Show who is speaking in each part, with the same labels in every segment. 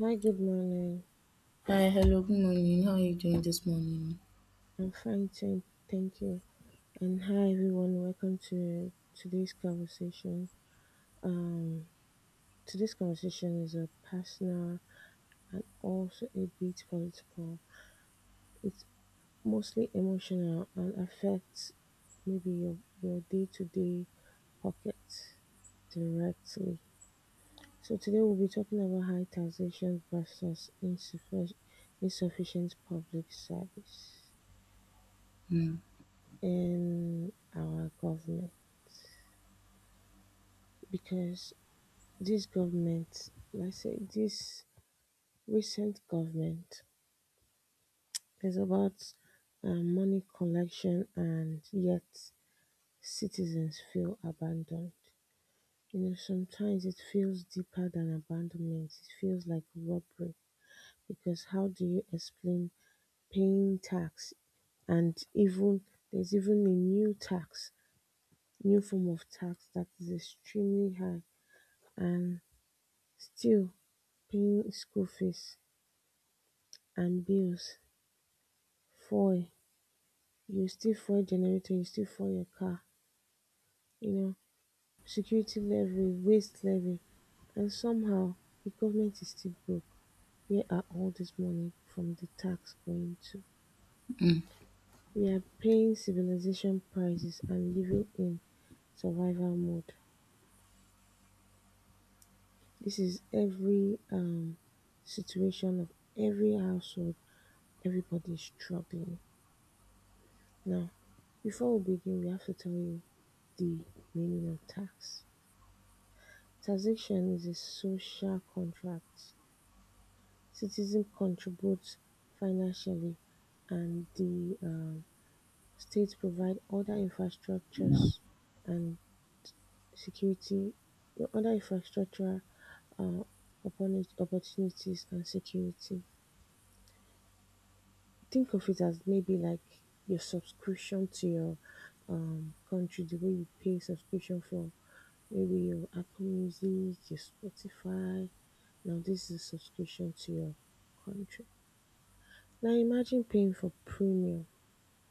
Speaker 1: Hi, good morning.
Speaker 2: Hi, hello, good morning. How are you doing this morning?
Speaker 1: I'm fine, thank you. And hi, everyone. Welcome to today's conversation. Um, Today's conversation is a personal and also a bit political. It's mostly emotional and affects maybe your day to day pocket directly. So today we'll be talking about high taxation versus insufficient public service
Speaker 2: Mm,
Speaker 1: in our government, because this government, let's say this recent government, is about money collection, and yet citizens feel abandoned. You know, sometimes it feels deeper than abandonment, it feels like robbery, because how do you explain paying tax, and even there's even a new tax, new form of tax that is extremely high, and still paying school fees and bills, fuel, you still fuel generator, you still fuel your car, you know, security levy, waste levy, and somehow the government is still broke. Where are all this money from the tax going to?
Speaker 2: mm.
Speaker 1: We are paying civilization prices and living in survival mode. This is every situation of every household. Everybody is struggling. Now, before we begin, we have to tell you the meaning of tax. Taxation is a social contract. Citizens contribute financially, and the state provides other infrastructures and security, other infrastructure, uh, opportunities and security. Think of it as maybe like your subscription to your country, the way you pay subscription for maybe your Apple Music, your Spotify. Now this is subscription to your country. Now imagine paying for premium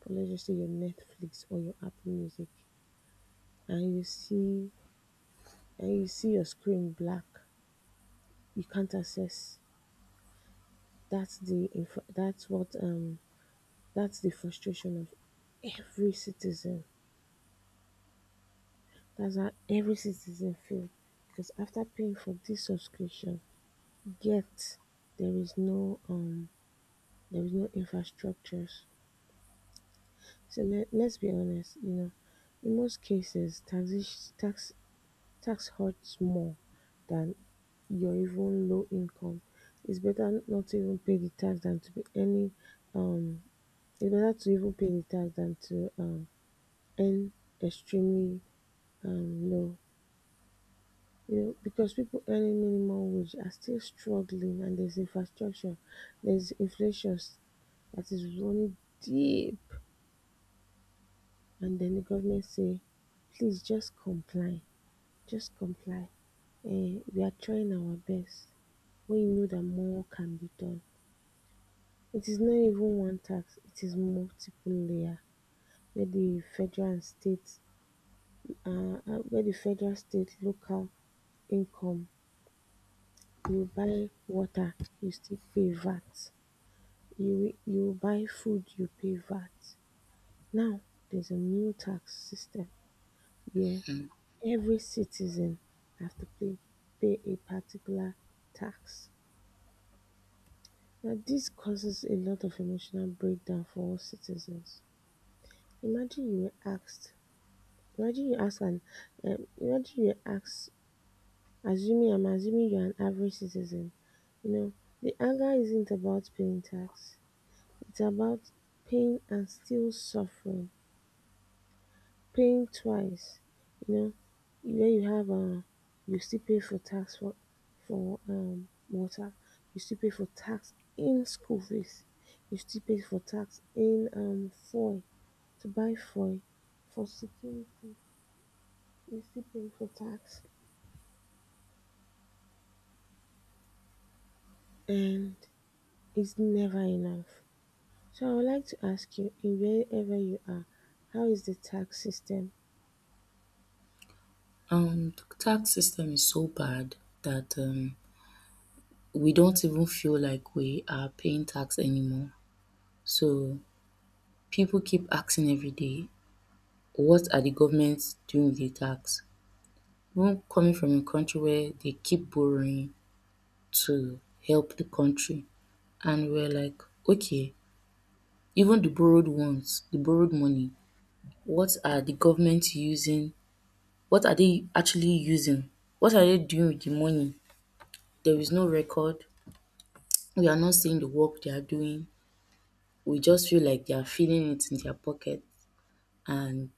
Speaker 1: for, let's just say, your Netflix or your Apple Music, and you see and you see your screen black. You can't access. That's the inf- that's what um that's the frustration of every citizen. That's how every citizen feels. Because after paying for this subscription, yet there is no um there is no infrastructures. So let's be honest, you know, in most cases, tax hurts more than your even low income. It's better not to even pay the tax than to pay any, um, it's better to even pay the tax than to earn extremely low. You know, because people earning minimum wage are still struggling, and there's infrastructure, there's inflation that is running deep. And then the government say, please just comply, just comply. We are trying our best, when you know that more can be done. It is not even one tax, it is multiple layer, where the federal and state um where the federal, state, local income. You buy water, you still pay VAT. You buy food, you pay VAT. Now there's a new tax system where every citizen have to pay a particular tax. Now this causes a lot of emotional breakdown for us citizens. Imagine you were asked, imagine you ask an, imagine you ask, assuming, I'm assuming you're an average citizen, you know, the anger isn't about paying tax; it's about paying and still suffering, paying twice, you know, where you still pay for tax for water, you still pay for tax in school fees, you still pay for tax in fuel, to buy fuel, for security, you still pay for tax, and it's never enough. So I would like to ask you, in wherever you are, how is the tax system?
Speaker 2: The tax system is so bad that we don't even feel like we are paying tax anymore. So people keep asking every day, what are the governments doing with the tax? Even coming from a country where they keep borrowing to help the country, and we're like, okay, even the borrowed ones, the borrowed money, what are the government using? What are they actually using? What are they doing with the money? There is no record. We are not seeing the work they are doing. We just feel like they are feeling it in their pocket and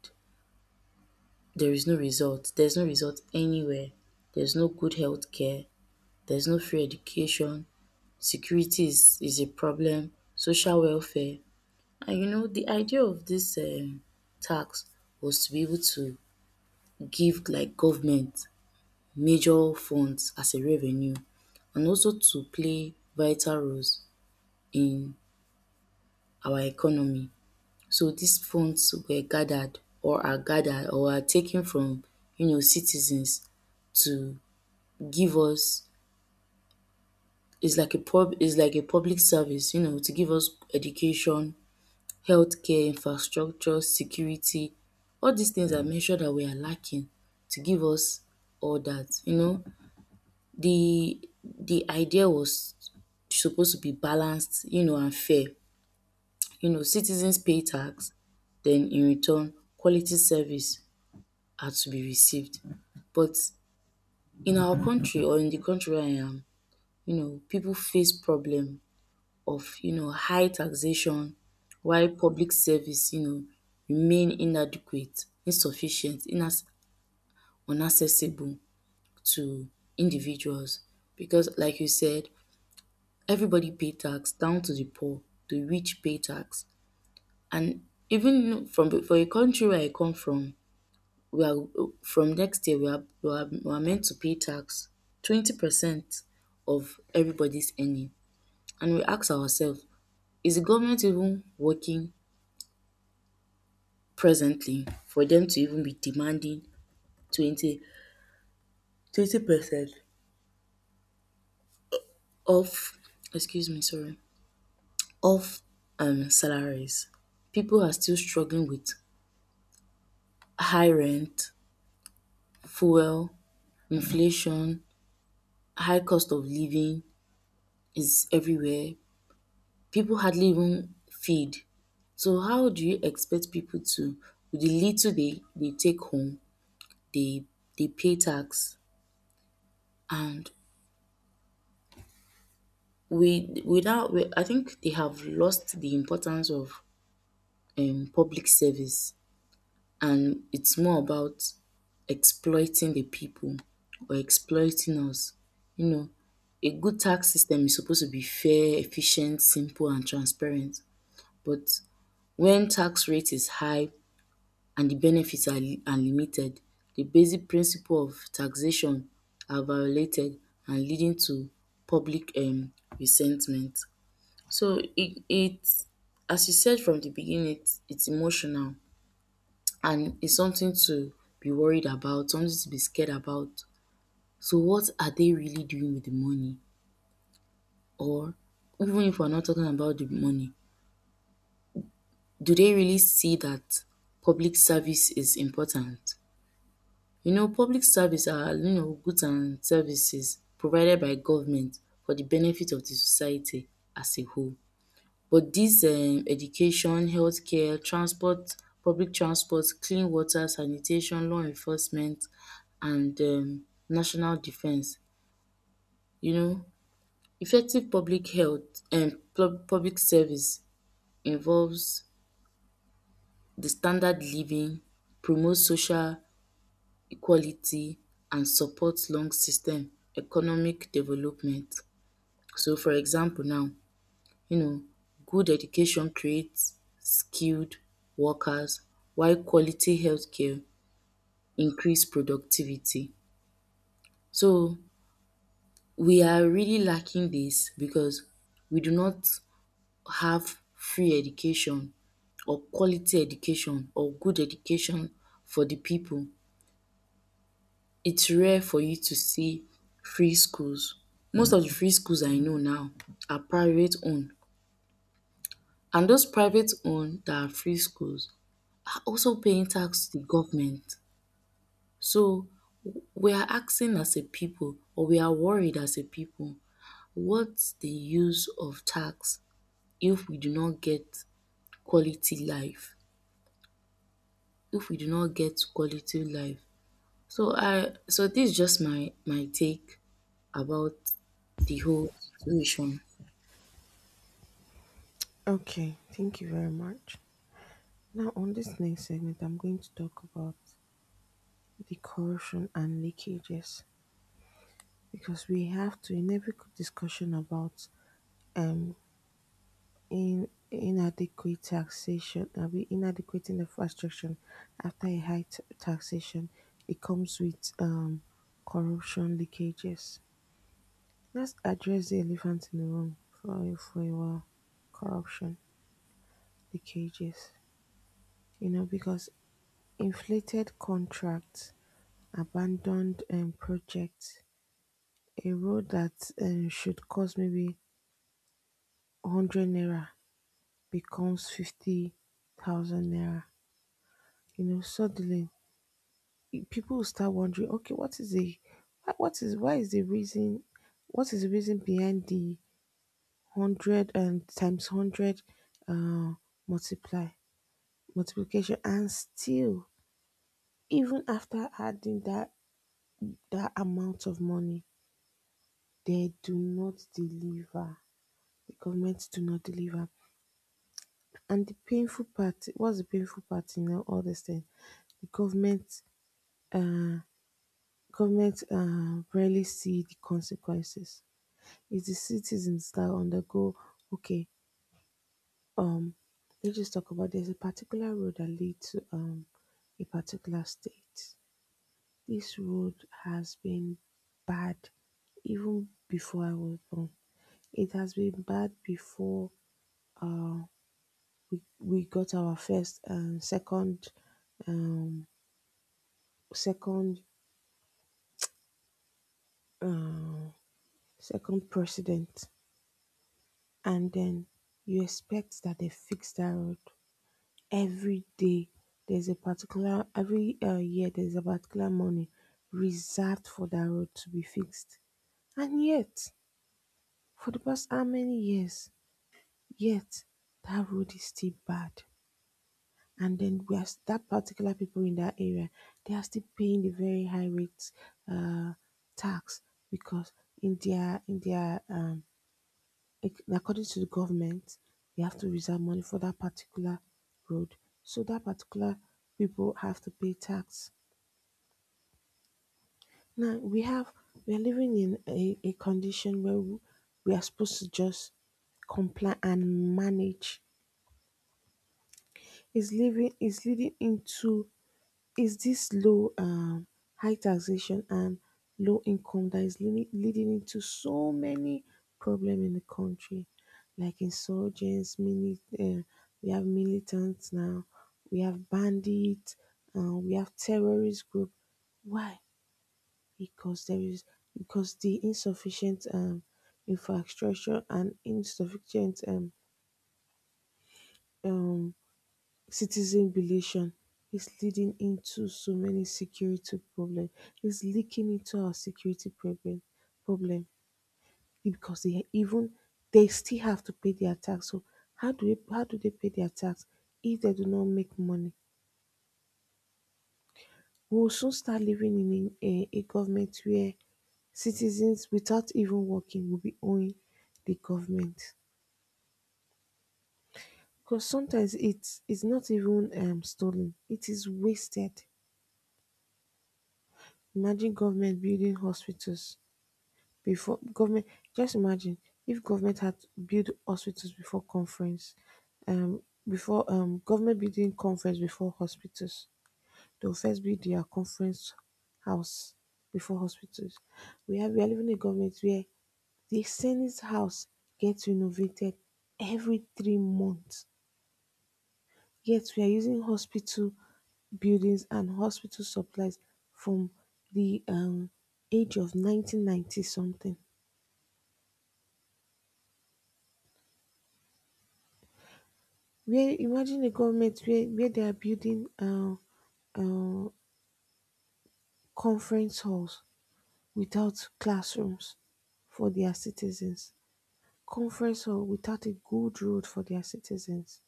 Speaker 2: there is no result. There's no result anywhere. There's no good health care. There's no free education. Security is a problem. Social welfare. And you know, the idea of this tax was to be able to give like government major funds as a revenue and also to play vital roles in our economy. So these funds were gathered or are taken from you know citizens to give us it's like a public service, you know, to give us education, healthcare, infrastructure, security. All these things I mentioned that we are lacking to give us all that, you know. The idea was supposed to be balanced, you know, and fair. You know, citizens pay tax, then in return, quality service are to be received. But in our country or in the country where I am, you know, people face problem of, you know, high taxation while public service, you know, remain inadequate, insufficient, inas unaccessible to individuals. Because like you said, everybody pay tax down to the poor, the rich pay tax and even from for a country where I come from we are from next year we are meant to pay tax 20% of everybody's earning. And we ask ourselves, is the government even working presently for them to even be demanding twenty twenty percent of, excuse me, sorry, of salaries. People are still struggling with high rent, fuel, inflation, high cost of living is everywhere. People hardly even feed. So how do you expect people to, with the little they take home, they they pay tax, and we without we, I think they have lost the importance of public service. And it's more about exploiting the people or exploiting us. You know, a good tax system is supposed to be fair, efficient, simple, and transparent. But when tax rate is high and the benefits are are limited, the basic principle of taxation are violated and leading to public resentment. So it, as you said from the beginning, it's emotional and it's something to be worried about, something to be scared about. So what are they really doing with the money? Or even if we're not talking about the money, do they really see that public service is important? You know, public service are, you know, goods and services provided by government for the benefit of the society as a whole. But this education, healthcare, transport, public transport, clean water, sanitation, law enforcement and national defense. You know, effective public health and public service involves the standard living, promote social equality and support long system economic development. So for example now, you know, good education creates skilled workers while quality healthcare increase productivity. So we are really lacking this because we do not have free education or quality education or good education for the people. It's rare for you to see free schools. Most of the free schools I know now are private owned, and those private owned that are free schools are also paying tax to the government. So we are asking as a people, or we are worried as a people, what's the use of tax if we do not get quality life? If we do not get quality life. So I so this is just my take about the whole situation.
Speaker 1: Okay, thank you very much. Now, on this next segment, I'm going to talk about the corrosion and leakages, because we have to, in every discussion about um in inadequate taxation, we inadequate infrastructure after a high taxation, it comes with corruption leakages. Let's address the elephant in the room for a while. Corruption, leakages, you know, because inflated contracts, abandoned projects, a road that should cost maybe 100 naira becomes 50,000 naira. You know, suddenly people will start wondering, okay, what is the, wha- what is, why is the reason, what is the reason behind the 100 and times 100, uh, multiply, multiplication? And still, even after adding that amount of money, they do not deliver. The government do not deliver. And the painful part, what's the painful part in all this thing? The government, uh, government uh, rarely see the consequences. It's the citizens that undergo. Okay, um, let's just talk about, there's a particular road that leads to a particular state. This road has been bad even before I was born. It has been bad before, uh, we got our first and um, second uh, second president, and then you expect that they fix that road. Every day, there's a particular every year there's a particular money reserved for that road to be fixed, and yet, for the past how many years, yet that road is still bad. And then that particular people in that area, they are still paying the very high rates, uh, tax, because in their, according to the government, they have to reserve money for that particular road. So that particular people have to pay tax. Now we have, we are living in a condition where we are supposed to just comply and manage. Is living is leading into Is this low, high taxation and low income that is leading into so many problems in the country, like insurgents, we have militants now, we have bandits, we have terrorist group. Why? Because there is because the insufficient infrastructure and insufficient um, citizen belation is leading into so many security problem. It's leaking into our security problem, because they still have to pay their tax. So how do they pay their tax if they do not make money? We will soon start living in a government where citizens without even working will be owing the government. Because sometimes it's not even stolen, it is wasted. Imagine government building hospitals before government, just imagine if government had built hospitals before conference, um before government building conference before hospitals, they will first build their conference house before hospitals. We are living in a government where the senate house gets renovated every 3 months, yet we are using hospital buildings and hospital supplies from the age of 1990 something, where, imagine a government where they are building uh conference halls without classrooms for their citizens, conference hall without a good road for their citizens,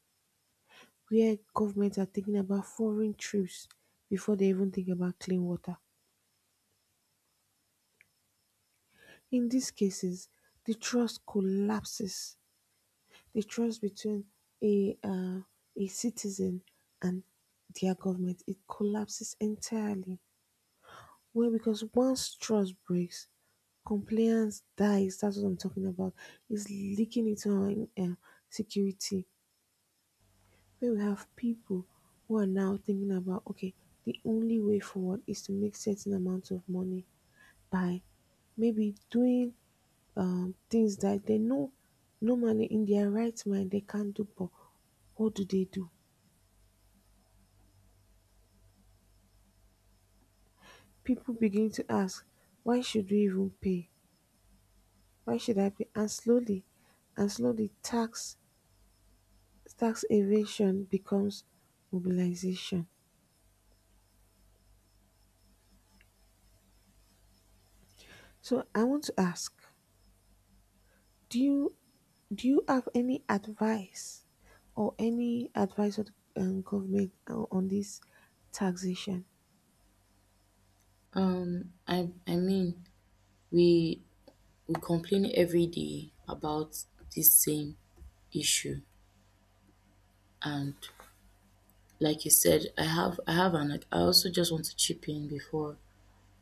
Speaker 1: where governments are thinking about foreign trips before they even think about clean water. In these cases, the trust collapses. The trust between a uh, a citizen and their government, it collapses entirely. Well, because once trust breaks, compliance dies. That's what I'm talking about. It's leaking into our security, where we have people who are now thinking about, okay, the only way forward is to make certain amount of money by maybe doing things that they know, normally in their right mind, they can't do, but what do they do? People begin to ask, why should we even pay? Why should I pay? And slowly, tax evasion becomes mobilization. So I want to ask, do you do you have any advice of the government on this taxation?
Speaker 2: I mean we we complain every day about this same issue. And like you said, I have an like, I also just want to chip in before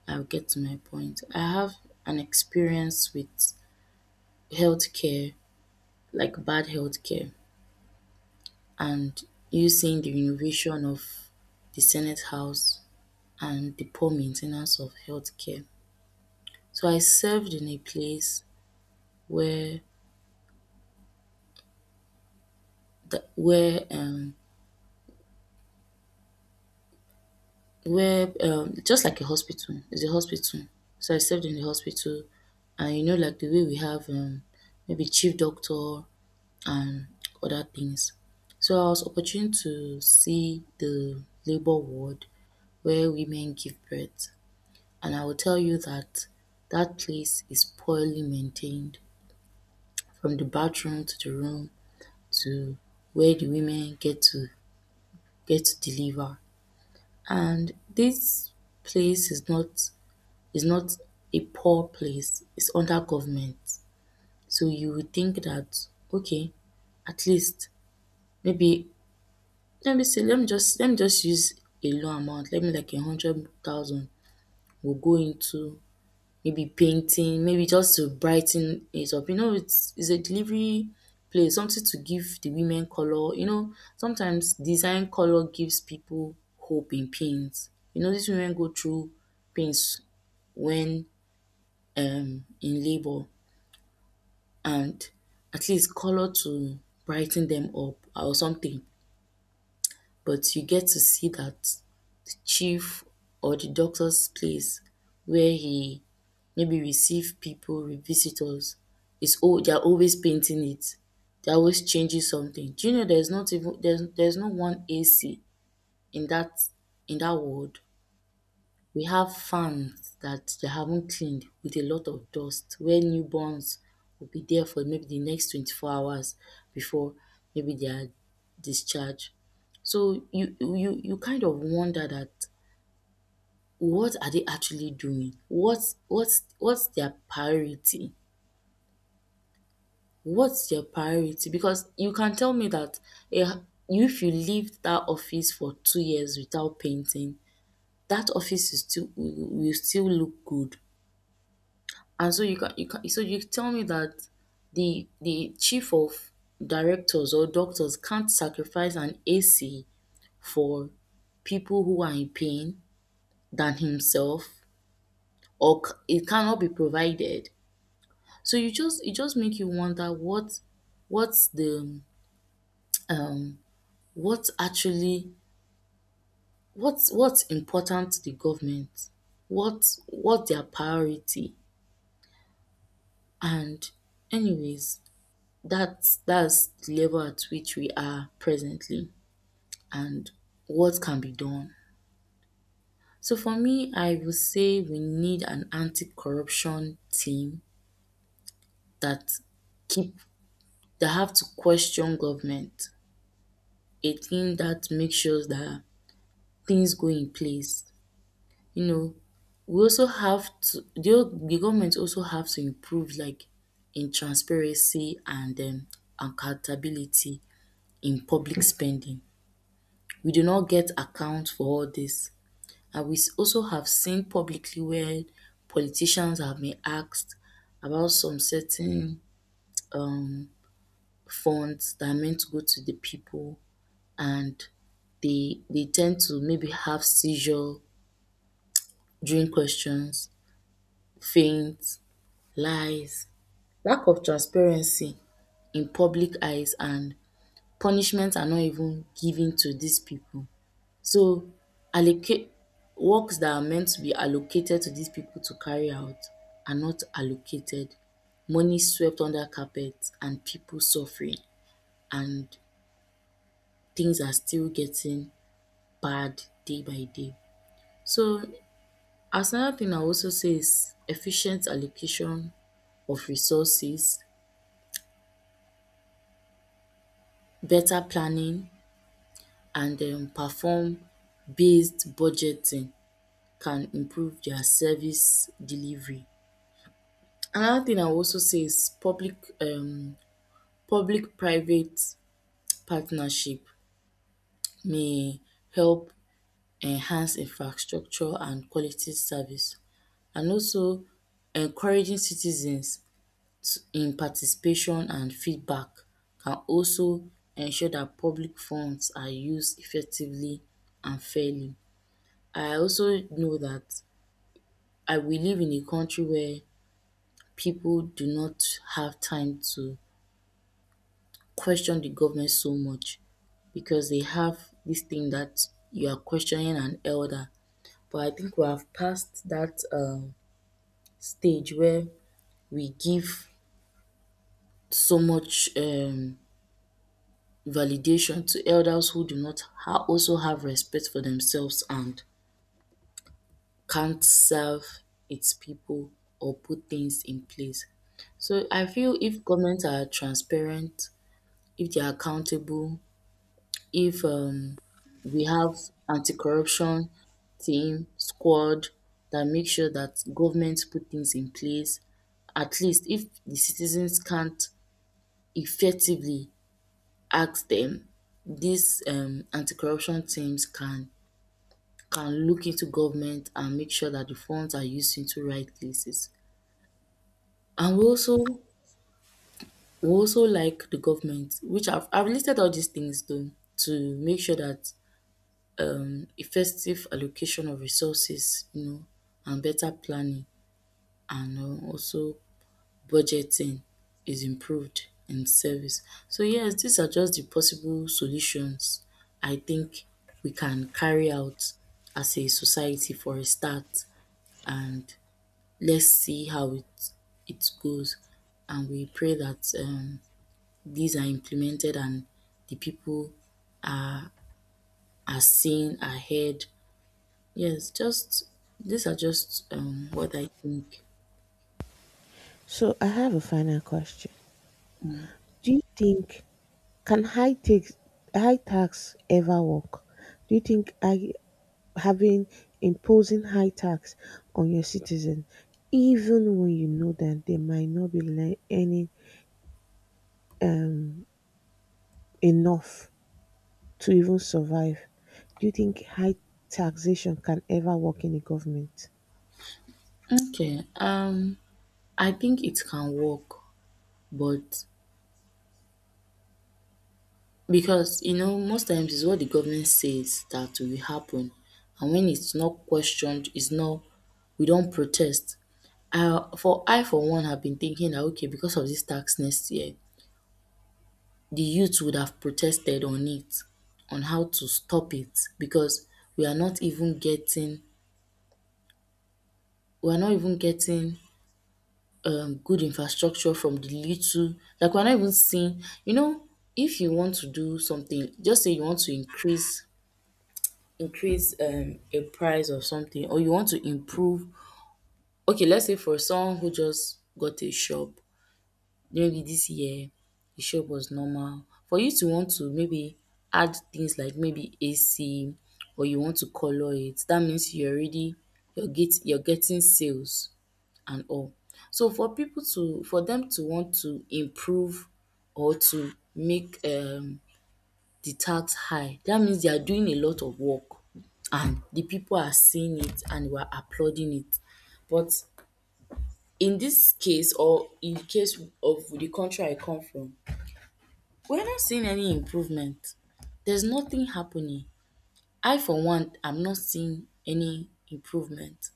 Speaker 2: I get to my point. I have an experience with healthcare, like bad healthcare, and you seeing the renovation of the Senate House and the poor maintenance of healthcare. So I served in a place where the where just like a hospital. It's a hospital. So I served in the hospital and you know like the way we have maybe chief doctor and other things, so I was opportune to see the labour ward where women give birth. And I will tell you that that place is poorly maintained, from the bathroom to the room to where the women get to deliver. And this place is not a poor place, it's under government. So you would think that, okay, at least maybe, let me just use a low amount, let me like a hundred thousand will go into maybe painting, maybe just to brighten it up. You know, it's a delivery place, something to give the women color. You know, sometimes design color gives people hope in pains. You know, these women go through pains when in labor, and at least color to brighten them up or something. But you get to see that chief or the doctor's place where he maybe receive people, with visitors, it's all they're always painting it. They're always changing something. Do you know there's not even there's no one AC in that in that ward. We have fans that they haven't cleaned with a lot of dust where newborns will be there for maybe the next 24 hours before maybe they are discharged. So you kind of wonder that, what are they actually doing? What's their priority? What's their priority? Because you can tell me that a, h- if you leave that office for 2 years without painting, that office is will still look good. And so you can so you tell me that the chief of directors or doctors can't sacrifice an AC for people who are in pain than himself, or it cannot be provided. So you just it just make you wonder what what's the um what actually what's important to the government, what their priority. And anyways, that's the level at which we are presently, and what can be done. So for me I would say we need an anti corruption team that keep that have to question government. A team that makes sure that things go in place. You know, we also have to, the government also have to improve like in transparency and accountability in public spending. We do not get account for all this, and we also have seen publicly where politicians have been asked about some certain um funds that are meant to go to the people, and they tend to maybe have seizure during questions, feints, lies, lack of transparency in public eyes, and punishments are not even given to these people. So allocate works that are meant to be allocated to these people to carry out are not allocated. Money swept under carpet and people suffering, and things are still getting bad day by day. So as another thing I also say is efficient allocation of resources, better planning and perform based budgeting can improve their service delivery. Another thing I will also say is public private partnership may help enhance infrastructure and quality service, and also encouraging citizens to in participation and feedback can also ensure that public funds are used effectively and fairly. I also know that I we live in a country where people do not have time to question the government so much because they have this thing that you are questioning an elder. But I think we have passed that stage where we give so much validation to elders who do not also have respect for themselves and can't serve its people or put things in place. So I feel if governments are transparent, if they are accountable, if we have anti-corruption team squad that make sure that governments put things in place, at least if the citizens can't effectively ask them, these anti-corruption teams can look into government and make sure that the funds are used into right places. And we also like the government, which I've listed all these things though, to make sure that effective allocation of resources, you know, and better planning and also budgeting is improved in service. So yes, these are just the possible solutions I think we can carry out as a society for a start, and let's see how it goes, and we pray that these are implemented and the people are seen, are heard. Yes, just these are just what I think.
Speaker 1: So I have a final question. Do you think Can high tax, ever work? Do you think, I having imposing high tax on your citizen, even when you know that they might not be earning um, enough to even survive? Do you think high taxation can ever work in the government?
Speaker 2: Okay. I think it can work, but because you know most times it's what the government says that will happen, and when it's not questioned, it's not, we don't protest. I for one have been thinking that okay, because of this tax next year the youth would have protested on it, on how to stop it because we are not even getting we are not even getting good infrastructure. From the little, like we're not even seeing, you know, if you want to do something, just say you want to increase a price of something, or you want to improve. Okay, let's say for someone who just got a shop maybe this year, the shop was normal, for you to want to maybe add things like maybe AC or you want to colour it, that means you're already you're getting sales and all. So for people to for them to want to improve or to make the tax high, that means they are doing a lot of work and the people are seeing it and we are applauding it. But in this case, or in case of the country I come from, we're not seeing any improvement. There's nothing happening. I, for one, am not seeing any improvement.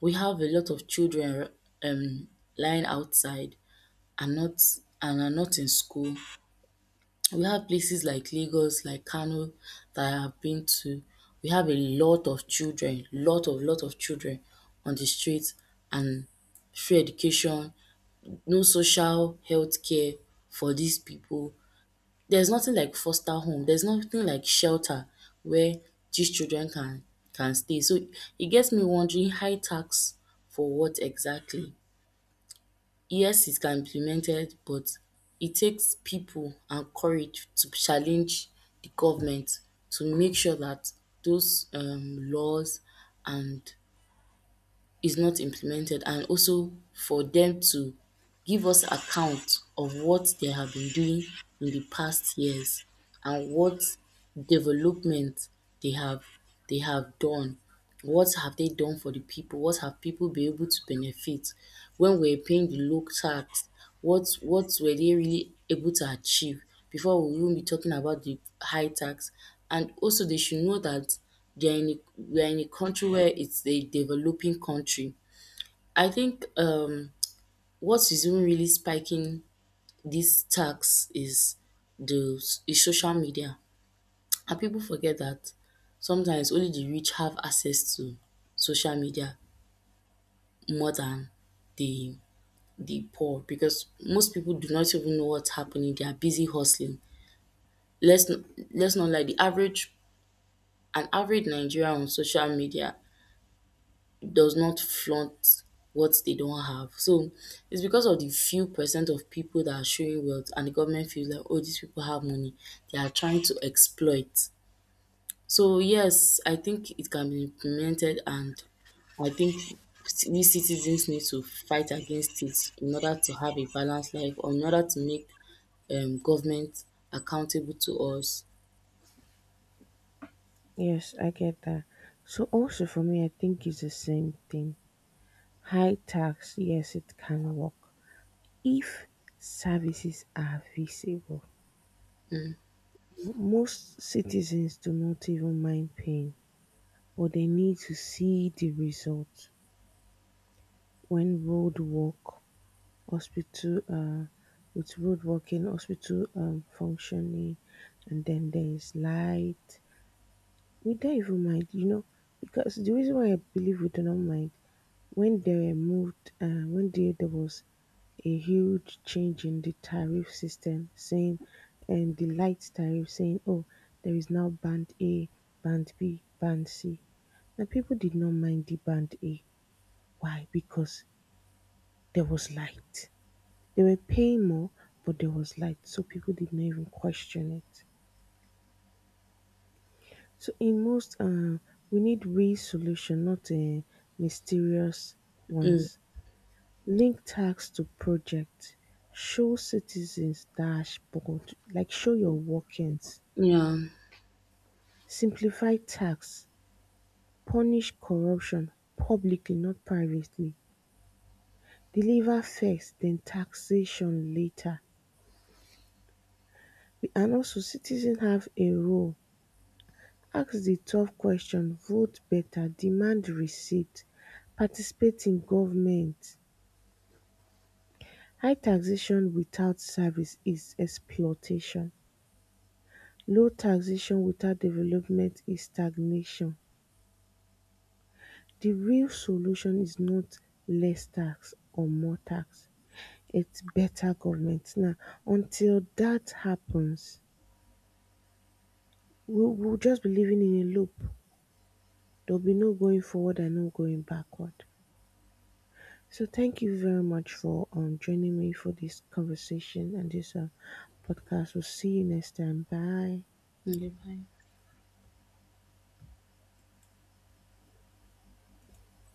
Speaker 2: We have a lot of children, um, lying outside and not and are not in school. We have places like Lagos, like Kano, that I have been to. We have a lot of children, lot of children on the streets, and free education, no social health care for these people. There's nothing like foster home, there's nothing like shelter where these children can stay. So it gets me wondering, high tax for what exactly? Yes, it can be implemented, but it takes people and courage to challenge the government to make sure that those laws and is not implemented, and also for them to give us account of what they have been doing in the past years and what development they have they have done. What have they done for the people? What have people been able to benefit? When we're paying the low tax, what were they really able to achieve before we even be talking about the high tax? And also they should know that they're in a we are in a country where it's a developing country. I think what is even really spiking this tax is the is social media. And people forget that sometimes only the rich have access to social media, more than the the poor, because most people do not even know what's happening, they are busy hustling. let's n- let's not lie, the average an average Nigerian on social media does not flaunt what they don't have. So it's because of the few percent of people that are showing wealth and the government feels like, oh, these people have money. They are trying to exploit. So yes, I think it can be implemented, and I think we citizens need to fight against it in order to have a balanced life, or in order to make government accountable to us.
Speaker 1: Yes, I get that. So also for me, I think it's the same thing. High tax, yes, it can work if services are visible. Most citizens do not even mind paying, but they need to see the result, when road work, hospital, with road working, hospital functioning, and then there is light. We don't even mind, you know, because the reason why I believe we do not mind, when when there was a huge change in the tariff system, saying, and the light tariff saying, oh, there is now band A, band B, band C. And people did not mind the band A. Why? Because there was light. They were paying more, but there was light, so people did not even question it. So we need real solution, not mysterious ones. Link tax to project. Show citizens dashboard, like show your workings.
Speaker 2: Yeah.
Speaker 1: Simplify tax. Punish corruption publicly, not privately. Deliver first, then taxation later. And also, citizens have a role. Ask the tough question, vote better, demand receipt, participate in government. High taxation without service is exploitation; low taxation without development is stagnation. The real solution is not less tax or more tax, it's better government. Now, until that happens, we'll just be living in a loop. There'll be no going forward and no going backward. So thank you very much for joining me for this conversation and this podcast. We'll see you next time. Bye.
Speaker 2: Okay, bye.